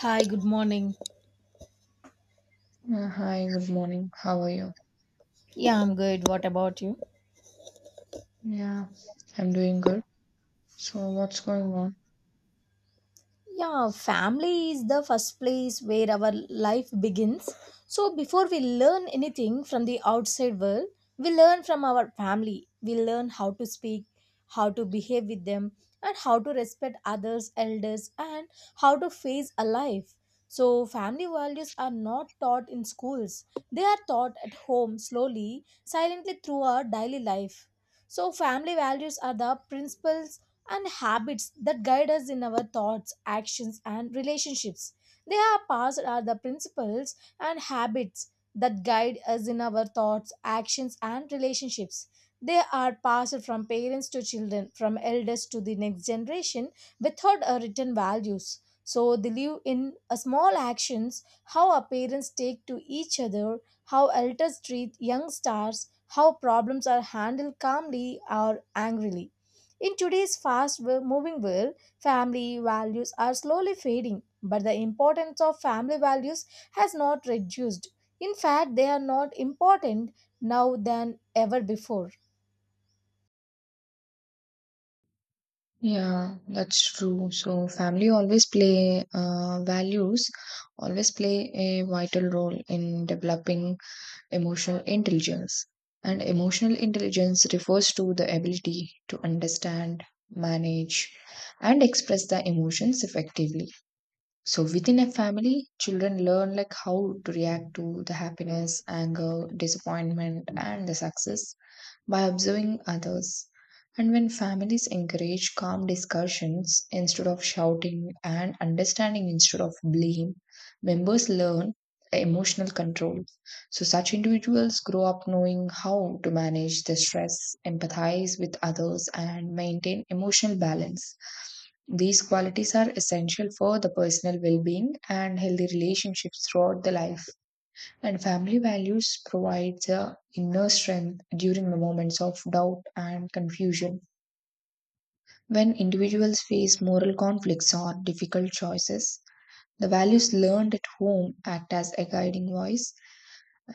Hi, good morning. Yeah, hi, good morning. How are you? Yeah, I'm good. What about you? Yeah, I'm doing good. So, what's going on? Yeah, family is the first place where our life begins. So, before we learn anything from the outside world, we learn from our family. We learn how to speak, how to behave with them, and how to respect others, elders, and how to face a life. So, family values are not taught in schools, they are taught at home slowly, silently through our daily life. So, family values are the principal and habits that guide us in our thoughts, actions, and relationships. They are passed are the principles and habits that guide us in our thoughts, actions, and relationships. They are passed from parents to children, from elders to the next generation without a written values. So they live in a small actions, how our parents take to each other, how elders treat young stars, how problems are handled calmly or angrily. In today's moving world, family values are slowly fading, but the importance of family values has not reduced. In fact, they are not important now than ever before. Yeah, that's true. So, family always play values, always play a vital role in developing emotional intelligence. And emotional intelligence refers to the ability to understand, manage, and express the emotions effectively. So within a family, children learn like how to react to the happiness, anger, disappointment, and the success by observing others. And when families encourage calm discussions instead of shouting and understanding instead of blame, members learn emotional control. So, such individuals grow up knowing how to manage the stress, empathize with others, and maintain emotional balance. These qualities are essential for the personal well being and healthy relationships throughout the life. And family values provide the inner strength during the moments of doubt and confusion. When individuals face moral conflicts or difficult choices, the values learned at home act as a guiding voice,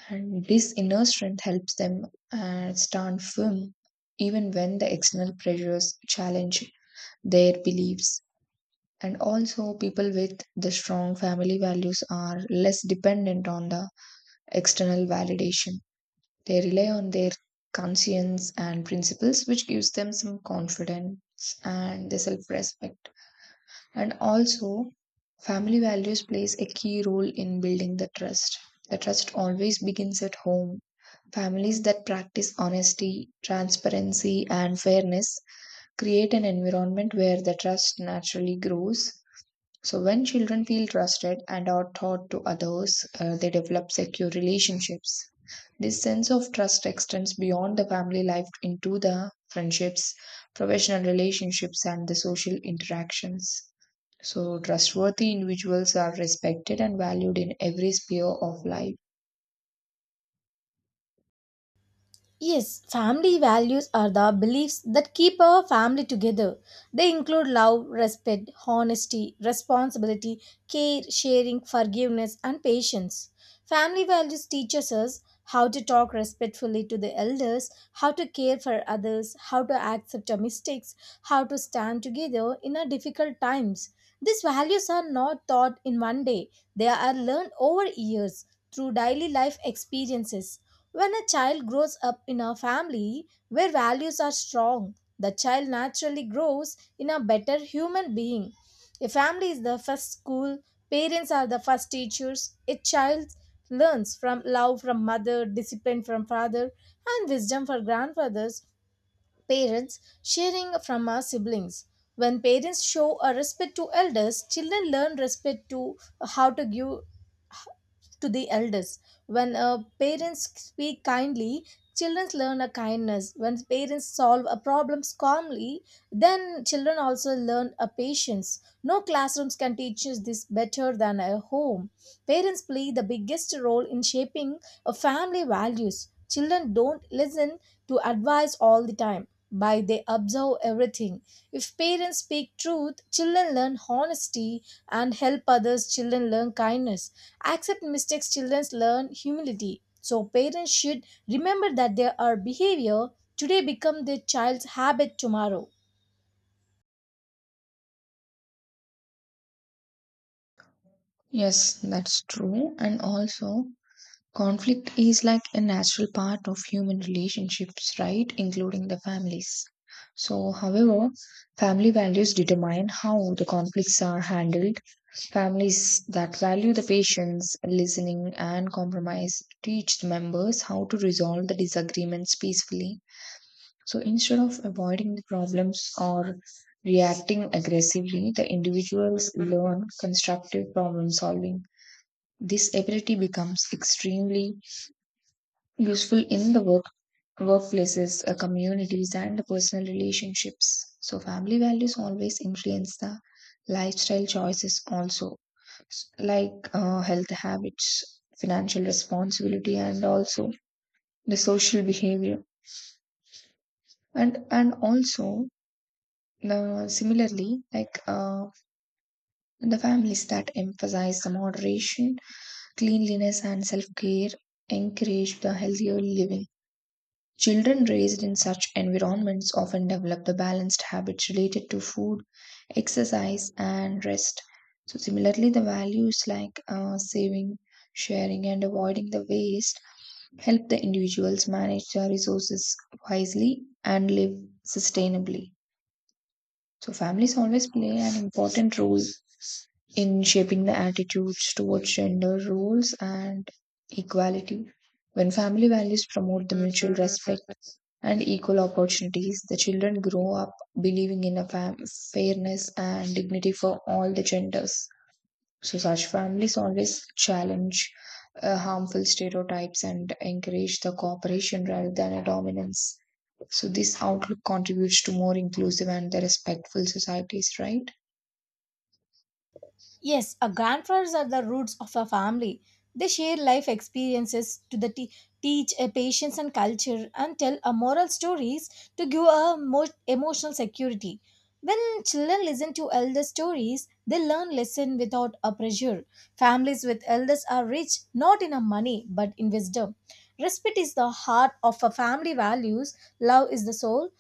and this inner strength helps them stand firm even when the external pressures challenge their beliefs. And also, people with the strong family values are less dependent on the external validation. They rely on their conscience and principles, which gives them some confidence and the self-respect. And also, family values plays a key role in building the trust. The trust always begins at home. Families that practice honesty, transparency, and fairness create an environment where the trust naturally grows. So, when children feel trusted and are taught to others, they develop secure relationships. This sense of trust extends beyond the family life into the friendships, professional relationships, and the social interactions. So, trustworthy individuals are respected and valued in every sphere of life. Yes, family values are the beliefs that keep a family together. They include love, respect, honesty, responsibility, care, sharing, forgiveness, and patience. Family values teaches us how to talk respectfully to the elders, how to care for others, how to accept our mistakes, how to stand together in our difficult times. These values are not taught in one day. They are learned over years through daily life experiences. When a child grows up in a family where values are strong, the child naturally grows in a better human being. A family is the first school, parents are the first teachers. A child learns from love from mother, discipline from father, and wisdom from grandfathers. Parents sharing from our siblings. When parents show a respect to elders, children learn respect to how to give to the elders. When parents speak kindly, children learn a kindness. When parents solve a problems calmly, then children also learn a patience. No classrooms can teach us this better than a home. Parents play the biggest role in shaping a family values. Children don't listen to advice all the time by they observe everything. If parents speak truth, children learn honesty and help others, children learn kindness. Accept mistakes, children learn humility. So parents should remember that their our behavior today become their child's habit tomorrow. Yes, that's true. And also, conflict is like a natural part of human relationships, right? Including the families. So, however, family values determine how the conflicts are handled. Families that value the patience, listening, and compromise teach the members how to resolve the disagreements peacefully. So instead of avoiding the problems or reacting aggressively, the individuals learn constructive problem solving. This ability becomes extremely useful in the workplaces, communities, and the personal relationships. So family values always influence the lifestyle choices also like health habits, financial responsibility, and also the social behavior, and also similarly like the families that emphasize the moderation, cleanliness, and self-care encourage the healthier living. Children raised in such environments often develop the balanced habits related to food, exercise, and rest. So, similarly, the values like saving, sharing, and avoiding the waste help the individuals manage their resources wisely and live sustainably. So families always play an important role in shaping the attitudes towards gender roles and equality. When family values promote the mutual respect and equal opportunities, the children grow up believing in fairness and dignity for all the genders. So such families always challenge harmful stereotypes and encourage the cooperation rather than a dominance. So this outlook contributes to more inclusive and the respectful societies, right? Yes, our grandfathers are the roots of a family. They share life experiences to teach a patience and culture and tell a moral stories to give a more emotional security. When children listen to elder stories, they learn lesson without a pressure. Families with elders are rich not in a money but in wisdom. Respect is the heart of a family values. Love is the soul.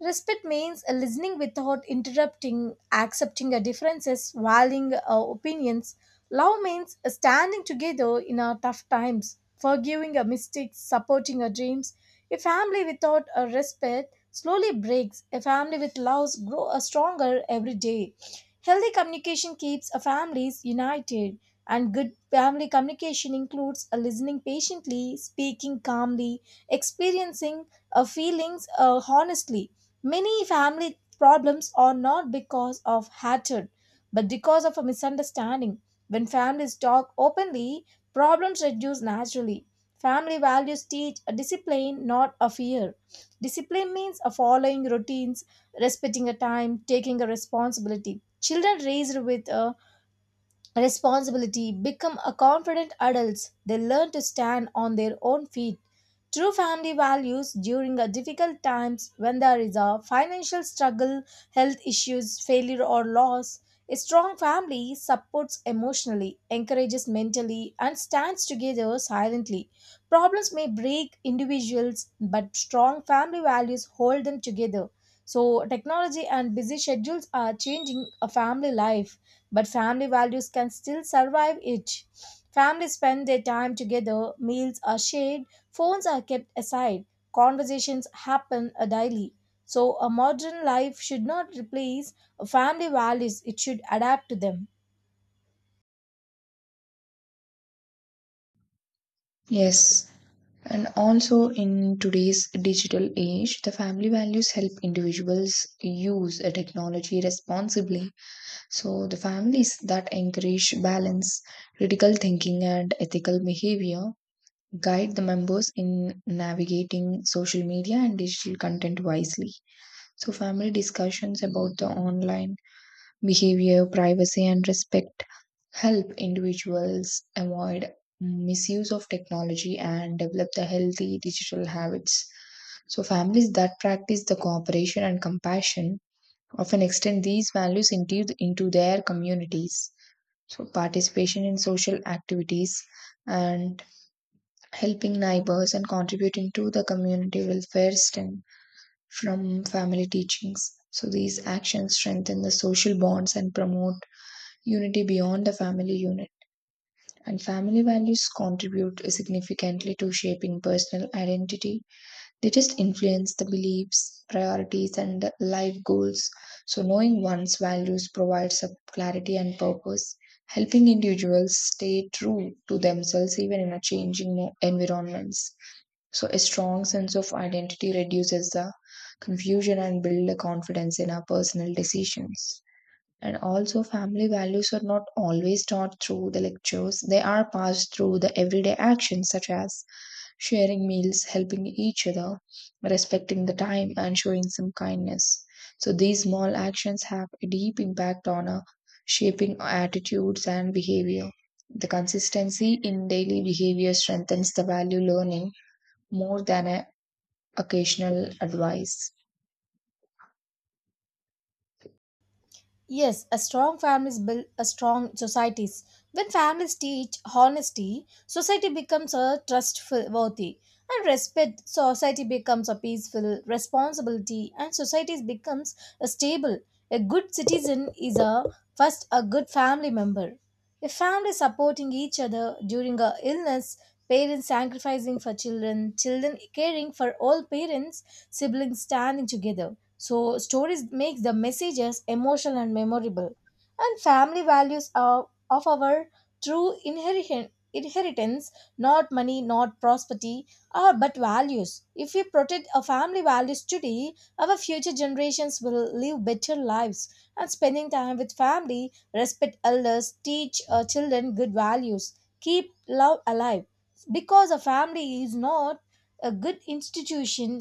Respect means listening without interrupting, accepting the differences, valuing opinions. Love means standing together in our tough times, forgiving our mistakes, supporting our dreams. A family without a respect slowly breaks. A family with love grows stronger every day. Healthy communication keeps our families united, and good family communication includes listening patiently, speaking calmly, experiencing feelings honestly. Many family problems are not because of hatred, but because of a misunderstanding. When families talk openly, problems reduce naturally. Family values teach a discipline, not a fear. Discipline means a following routines, respecting a time, taking a responsibility. Children raised with a responsibility, become a confident adults. They learn to stand on their own feet. True family values during a difficult times when there is a financial struggle, health issues, failure or loss. A strong family supports emotionally, encourages mentally, and stands together silently. Problems may break individuals, but strong family values hold them together. So, technology and busy schedules are changing a family life but family values can still survive it. Families spend their time together, meals are shared, phones are kept aside, conversations happen daily. So, a modern life should not replace family values, it should adapt to them. Yes, and also in today's digital age, the family values help individuals use a technology responsibly. So, the families that encourage balance, critical thinking, and ethical behavior guide the members in navigating social media and digital content wisely. So, family discussions about the online behavior, privacy, and respect help individuals avoid misuse of technology and develop the healthy digital habits. So, families that practice the cooperation and compassion often extend these values into their communities. So, participation in social activities and helping neighbors and contributing to the community welfare stem from family teachings. So, these actions strengthen the social bonds and promote unity beyond the family unit, and family values contribute significantly to shaping personal identity. They just influence the beliefs, priorities, and life goals. So, knowing one's values provides a clarity and purpose, helping individuals stay true to themselves even in a changing environments. So, a strong sense of identity reduces the confusion and build a confidence in our personal decisions. And also, family values are not always taught through the lectures, they are passed through the everyday actions such as sharing meals, helping each other, respecting the time, and showing some kindness. So, these small actions have a deep impact on shaping attitudes and behavior. The consistency in daily behavior strengthens the value learning more than a occasional advice. Yes, a strong families build a strong societies. When families teach honesty, society becomes a trustful worthy and respect. Society becomes a peaceful responsibility, and society becomes a stable. A good citizen is a first a good family member. A family supporting each other during a illness, parents sacrificing for children, children caring for all parents, siblings standing together. So stories make the messages emotional and memorable. And family values are of our true inheritance, not money, not prosperity or but values. If we protect our family values today, our future generations will live better lives and spending time with family, respect elders, teach our children good values, keep love alive, because a family is not a good institution,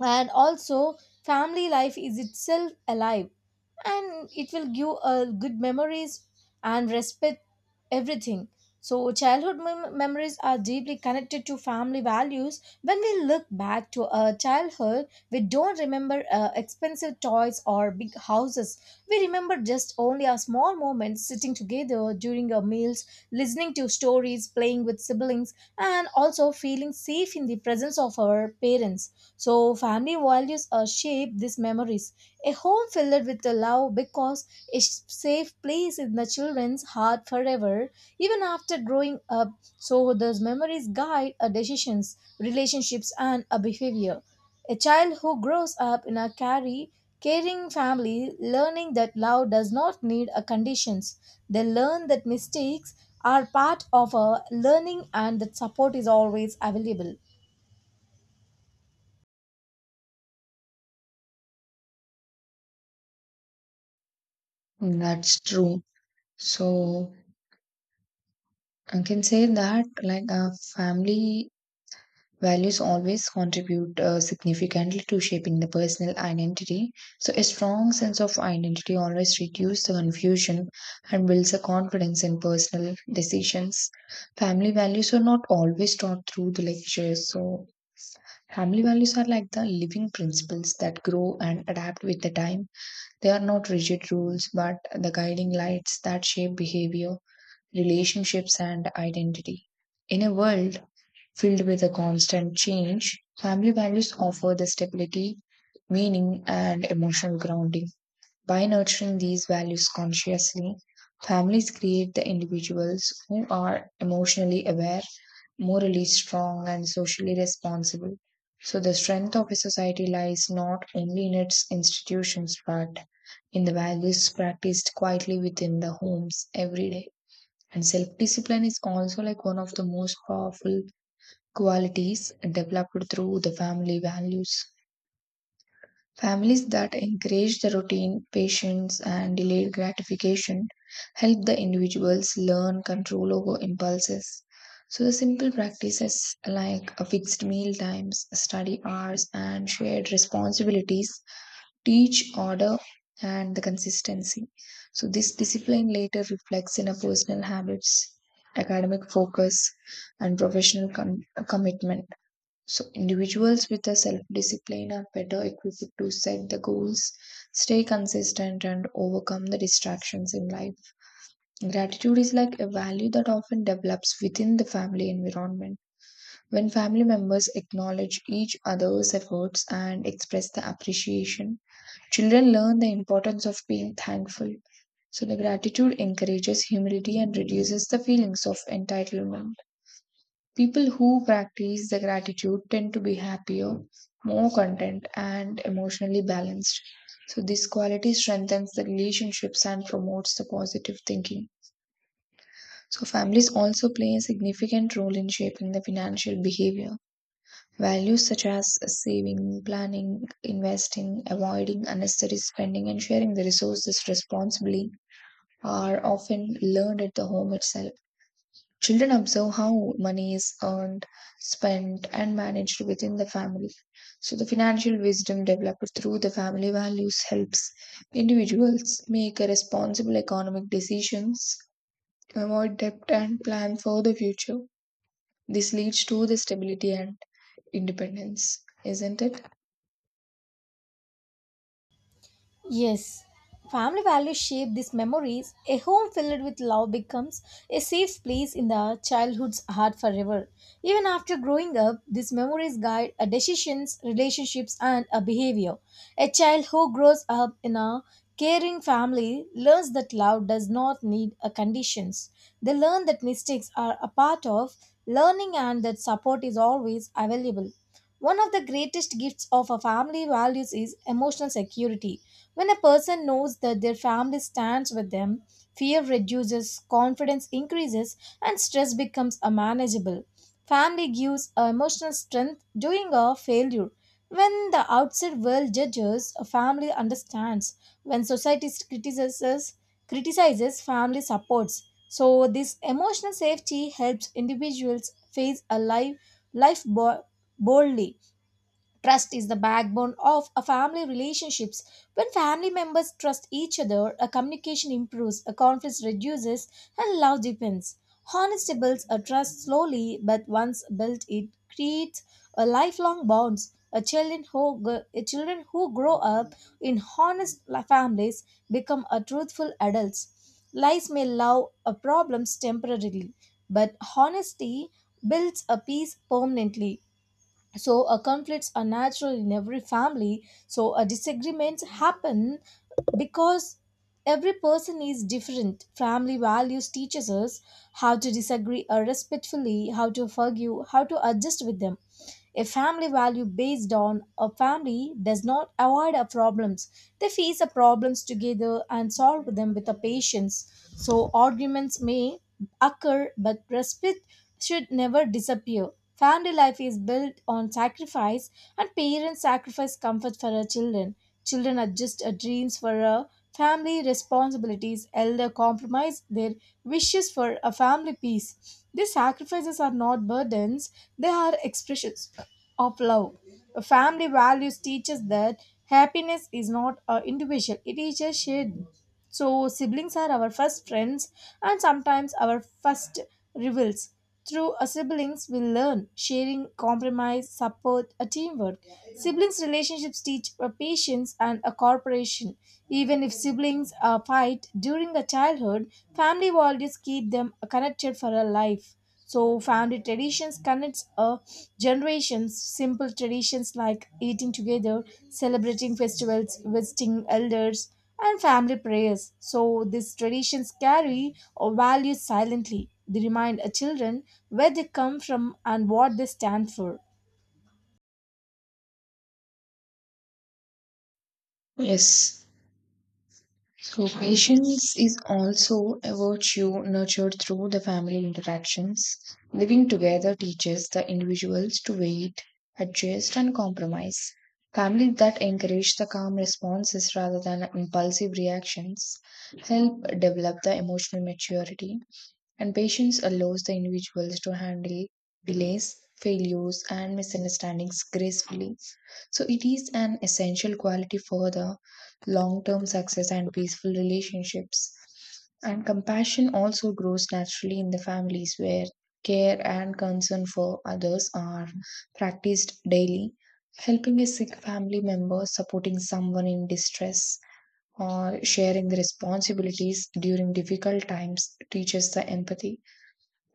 and also family life is itself alive, and it will give good memories and respect everything. So childhood memories are deeply connected to family values. When we look back to our childhood, we don't remember expensive toys or big houses, we remember just only our small moments sitting together during our meals, listening to stories, playing with siblings, and also feeling safe in the presence of our parents. So family values shape these memories. A home filled with the love because a safe place in the children's heart forever, even after growing up. So those memories guide our decisions, relationships, and our behavior. A child who grows up in a carry caring family learning that love does not need a conditions. They learn that mistakes are part of a learning and that support is always available. That's true. So, I can say that like family values always contribute significantly to shaping the personal identity. So a strong sense of identity always reduces the confusion and builds a confidence in personal decisions. Family values are not always taught through the lectures. So family values are like the living principles that grow and adapt with the time. They are not rigid rules, but the guiding lights that shape behavior, relationships, and identity. In a world filled with a constant change, family values offer the stability, meaning, and emotional grounding. By nurturing these values consciously, families create the individuals who are emotionally aware, morally strong, and socially responsible. So, the strength of a society lies not only in its institutions but in the values practiced quietly within the homes every day. And self discipline is also like one of the most powerful qualities developed through the family values. Families that encourage the routine, patience, and delayed gratification help the individuals learn control over impulses. So, the simple practices like a fixed meal times, study hours, and shared responsibilities teach order and the consistency. So this discipline later reflects in our personal habits, academic focus, and professional commitment. So individuals with a self-discipline are better equipped to set the goals, stay consistent, and overcome the distractions in life. Gratitude is like a value that often develops within the family environment. When family members acknowledge each other's efforts and express the appreciation, children learn the importance of being thankful. So, the gratitude encourages humility and reduces the feelings of entitlement. People who practice the gratitude tend to be happier, more content, and emotionally balanced. So, this quality strengthens the relationships and promotes the positive thinking. So, families also play a significant role in shaping the financial behavior. Values such as saving, planning, investing, avoiding unnecessary spending, and sharing the resources responsibly are often learned at the home itself. Children observe how money is earned, spent, and managed within the family. So, the financial wisdom developed through the family values helps individuals make responsible economic decisions, avoid debt, and plan for the future. This leads to the stability and independence, isn't it? Yes, family values shape these memories. A home filled with love becomes a safe place in the childhood's heart forever. Even after growing up, these memories guide our decisions, relationships, and our behavior. A child who grows up in a caring family learns that love does not need a conditions. They learn that mistakes are a part of learning and that support is always available. One of the greatest gifts of a family values is emotional security. When a person knows that their family stands with them, fear reduces, confidence increases, and stress becomes a manageable. Family gives a emotional strength during a failure. When the outside world judges, a family understands. When society criticizes, family supports. So this emotional safety helps individuals face a life boldly. Trust is the backbone of a family relationships. When family members trust each other, a communication improves, a conflict reduces, and love deepens. Honesty builds a trust slowly, but once built, it creates a lifelong bonds. A children who grow up in families become a truthful adults. Lies may allow a problems temporarily, but honesty builds a peace permanently. So conflicts are natural in every family. So disagreements happen because every person is different. Family values teaches us how to disagree respectfully, how to forgive, how to adjust with them. A family value based on a family does not avoid our problems, they face the problems together and solve them with a patience. So arguments may occur, but respect should never disappear. Family life is built on sacrifice, and parents sacrifice comfort for their children. Children adjust their dreams for a family responsibilities, elder compromise their wishes for a family peace. These sacrifices are not burdens, they are expressions of love. A Family values teaches that happiness is not individual, it is a shared. So, siblings are our first friends and sometimes our first rivals. Through a siblings, we learn sharing, compromise, support, a teamwork. Siblings relationships teach a patience and a cooperation. Even if siblings fight during the childhood, family values keep them connected for a life. So family traditions connects generations. Simple traditions like eating together, celebrating festivals, visiting elders, and family prayers. So these traditions carry or values silently. They remind children where they come from and what they stand for. Yes. So patience is also a virtue nurtured through the family interactions. Living together teaches the individuals to wait, adjust, and compromise. Families that encourage the calm responses rather than impulsive reactions help develop the emotional maturity, and patience allows the individuals to handle delays, failures, and misunderstandings gracefully. So, it is an essential quality for the long term success and peaceful relationships. And compassion also grows naturally in the families where care and concern for others are practiced daily. Helping a sick family member, supporting someone in distress, or sharing the responsibilities during difficult times teaches the empathy.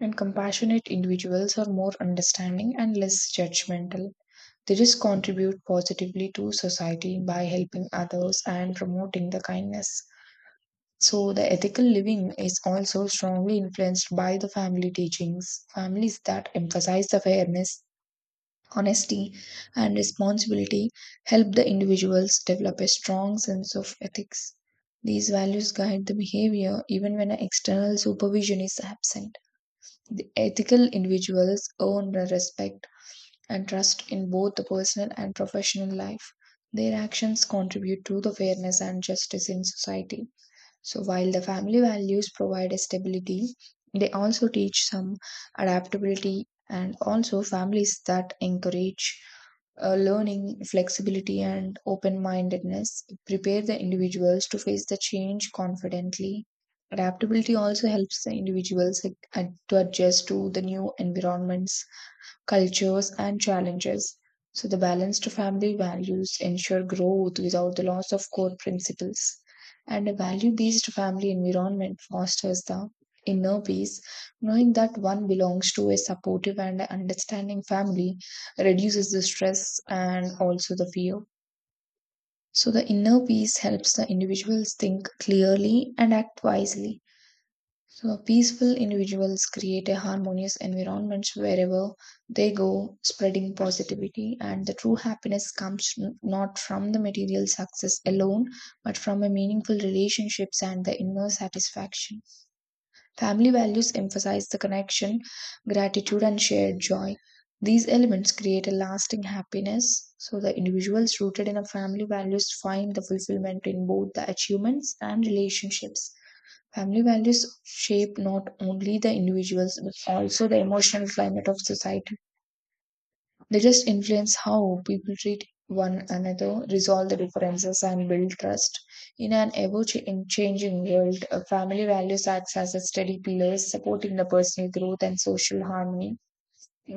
And compassionate individuals are more understanding and less judgmental. They just contribute positively to society by helping others and promoting the kindness. So, the ethical living is also strongly influenced by the family teachings. Families that emphasize the fairness, honesty, and responsibility help the individuals develop a strong sense of ethics. These values guide the behavior even when external supervision is absent. The ethical individuals earn the respect and trust in both the personal and professional life. Their actions contribute to the fairness and justice in society. So, while the family values provide a stability, they also teach some adaptability, and also families that encourage learning, flexibility, and open mindedness prepare the individuals to face the change confidently. Adaptability also helps the individuals to adjust to the new environments, cultures, and challenges. So, the balanced family values ensure growth without the loss of core principles. And a value based family environment fosters the inner peace. Knowing that one belongs to a supportive and understanding family reduces the stress and also the fear. So, the inner peace helps the individuals think clearly and act wisely. So, peaceful individuals create a harmonious environment wherever they go, spreading positivity. And the true happiness comes not from the material success alone, but from a meaningful relationships and the inner satisfaction. Family values emphasize the connection, gratitude, and shared joy. These elements create a lasting happiness. So, the individuals rooted in a family values find the fulfillment in both the achievements and relationships. Family values shape not only the individuals but also the emotional climate of society. They just influence how people treat one another, resolve the differences, and build trust. In changing world, family values acts as a steady pillar supporting the personal growth and social harmony.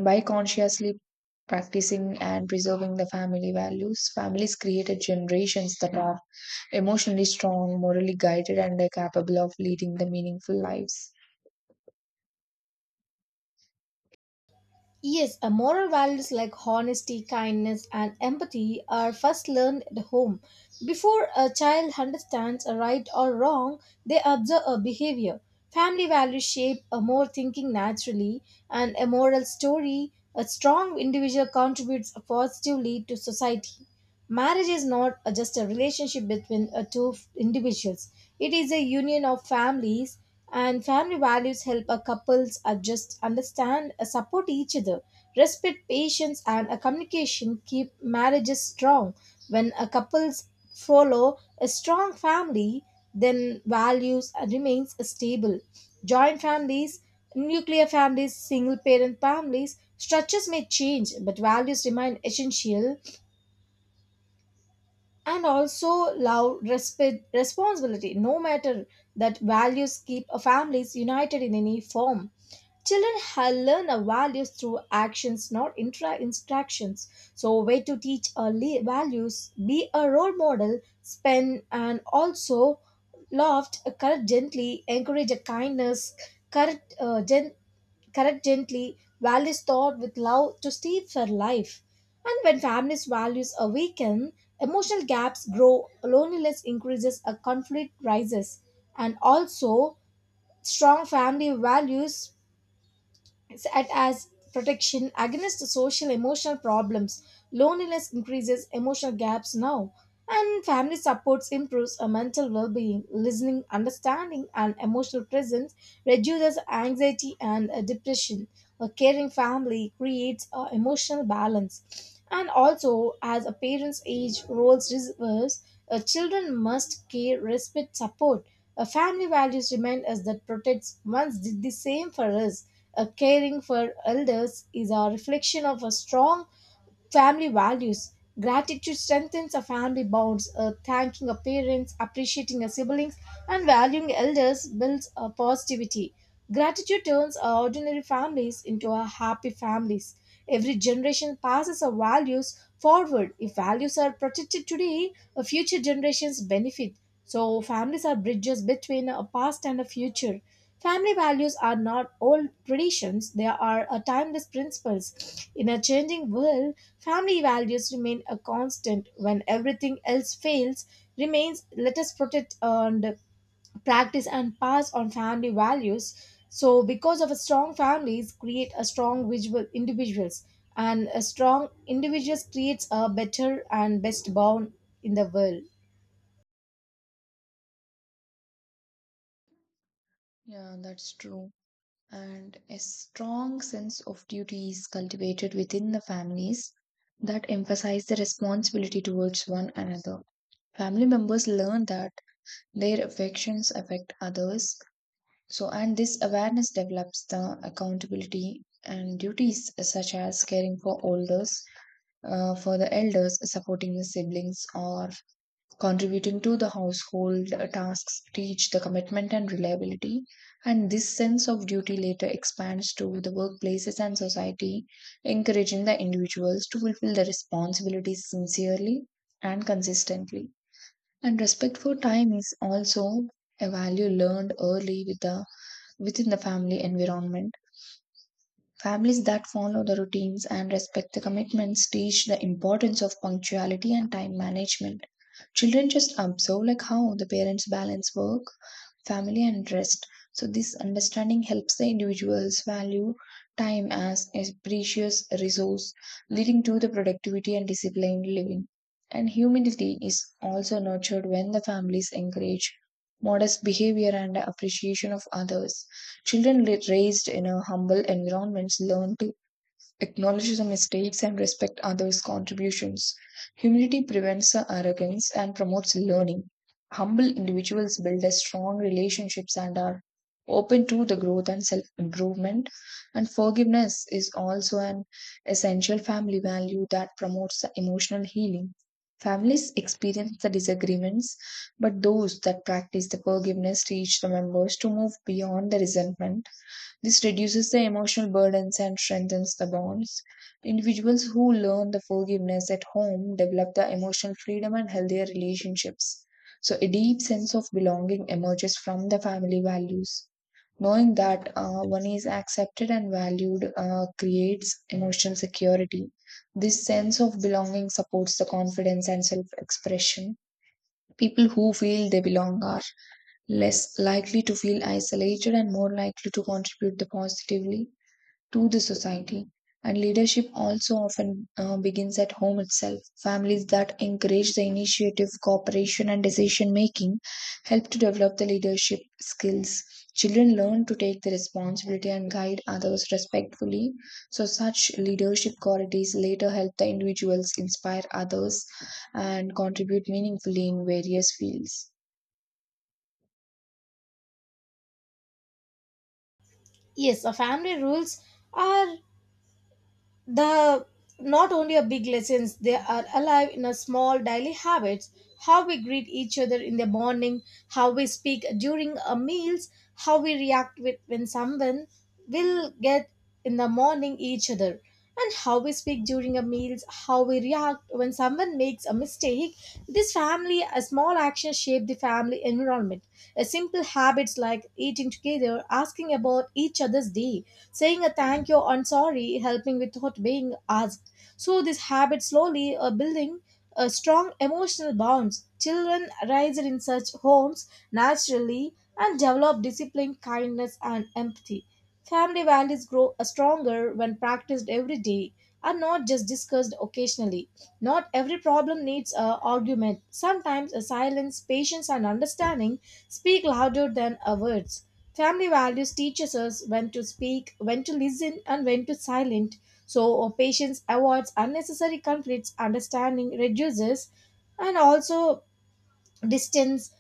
By consciously practicing and preserving the family values, families created generations that are emotionally strong, morally guided, and are capable of leading the meaningful lives. Yes, moral values like honesty, kindness, and empathy are first learned at home. Before a child understands a right or wrong, they observe a behavior. Family values shape a more thinking naturally, and a moral story, a strong individual contributes positively to society. Marriage is not just a relationship between individuals, it is a union of families, and family values help a couples adjust, understand, support each other. Respect, patience, and communication keep marriages strong. When couples follow a strong family, then values remains stable. Joint families, nuclear families, single parent families, structures may change, but values remain essential, and also love, respect, responsibility, no matter that values keep a families united in any form. Children learn our values through actions, not instructions. So way to teach early values, be a role model, spend and also loved, correct gently, encourage a kindness, correct uh, gen- correct gently, values thought with love to stay for life. And when families' values are weakened, emotional gaps grow, loneliness increases, a conflict rises. And also, strong family values set as protection against social emotional problems. Loneliness increases emotional gaps now, and family supports improves a mental well-being. Listening, understanding, and emotional presence reduces anxiety and depression. A caring family creates emotional balance. And also, as a parent's age roles reverse, children must care, respect, support. A family values remain us that protects once did the same for us. A caring for elders is a reflection of a strong family values. Gratitude strengthens our family bonds. Thanking our parents, appreciating our siblings, and valuing elders builds a positivity. Gratitude turns our ordinary families into our happy families. Every generation passes our values forward. If values are protected today, future generations benefit. So, families are bridges between a past and a future. Family values are not old traditions, they are a timeless principles. In a changing world, family values remain a constant when everything else fails, remains let us protect and practice and pass on family values. So because of a strong families create a strong visual individuals, and a strong individuals creates a better and best bond in the world. Yeah, that's true. And a strong sense of duty is cultivated within the families that emphasize the responsibility towards one another. Family members learn that their affections affect others. So, and this awareness develops the accountability and duties such as caring for elders, supporting the siblings, or contributing to the household tasks teach the commitment and reliability, and this sense of duty later expands to the workplaces and society, encouraging the individuals to fulfill their responsibilities sincerely and consistently. And respect for time is also a value learned early within the family environment. Families that follow the routines and respect the commitments teach the importance of punctuality and time management. Children just observe like how the parents balance work, family, and rest. So this understanding helps the individuals value time as a precious resource, leading to the productivity and disciplined living. And humility is also nurtured when the families encourage modest behavior and appreciation of others. Children raised in a humble environments learn to acknowledges the mistakes and respect others' contributions. Humility prevents arrogance and promotes learning. Humble individuals build a strong relationships and are open to the growth and self improvement. And forgiveness is also an essential family value that promotes the emotional healing. Families experience the disagreements, but those that practice the forgiveness teach the members to move beyond the resentment. This reduces the emotional burdens and strengthens the bonds. Individuals who learn the forgiveness at home develop the emotional freedom and healthier relationships. So, a deep sense of belonging emerges from the family values. Knowing that one is accepted and valued creates emotional security. This sense of belonging supports the confidence and self expression. People who feel they belong are less likely to feel isolated and more likely to contribute positively to the society. And leadership also often begins at home itself. Families that encourage the initiative, cooperation, and decision making help to develop the leadership skills. Children learn to take the responsibility and guide others respectfully. So, such leadership qualities later help the individuals inspire others and contribute meaningfully in various fields. Yes, a family rules are the not only are big lessons, they are alive in our small daily habits, how we greet each other in the morning, how we speak during our meals, how we react with when someone will get in the morning each other, and how we speak during our meals, how we react when someone makes a mistake. This family a small action shape the family environment. A simple habits like eating together, asking about each other's day, saying a thank you or "I'm sorry, helping without being asked. So these habits slowly are building a strong emotional bonds. Children raised in such homes naturally and develop discipline, kindness, and empathy. Family values grow stronger when practiced every day and not just discussed occasionally. Not every problem needs an argument. Sometimes a silence, patience, and understanding speak louder than a words. Family values teaches us when to speak, when to listen, and when to silent. So patience avoids unnecessary conflicts, understanding reduces, and also distance.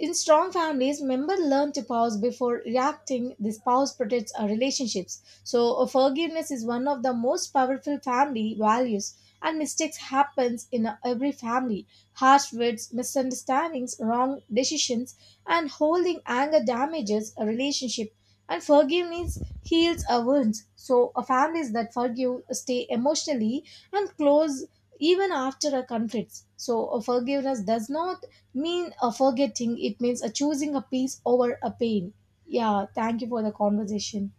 In strong families, members learn to pause before reacting. This pause protects our relationships. So, forgiveness is one of the most powerful family values, and mistakes happens in every family. Harsh words, misunderstandings, wrong decisions, and holding anger damages a relationship. And forgiveness heals our wounds. So, families that forgive stay emotionally and close even after a conflict. So a forgiveness does not mean a forgetting. It means a choosing a peace over a pain. Yeah, thank you for the conversation.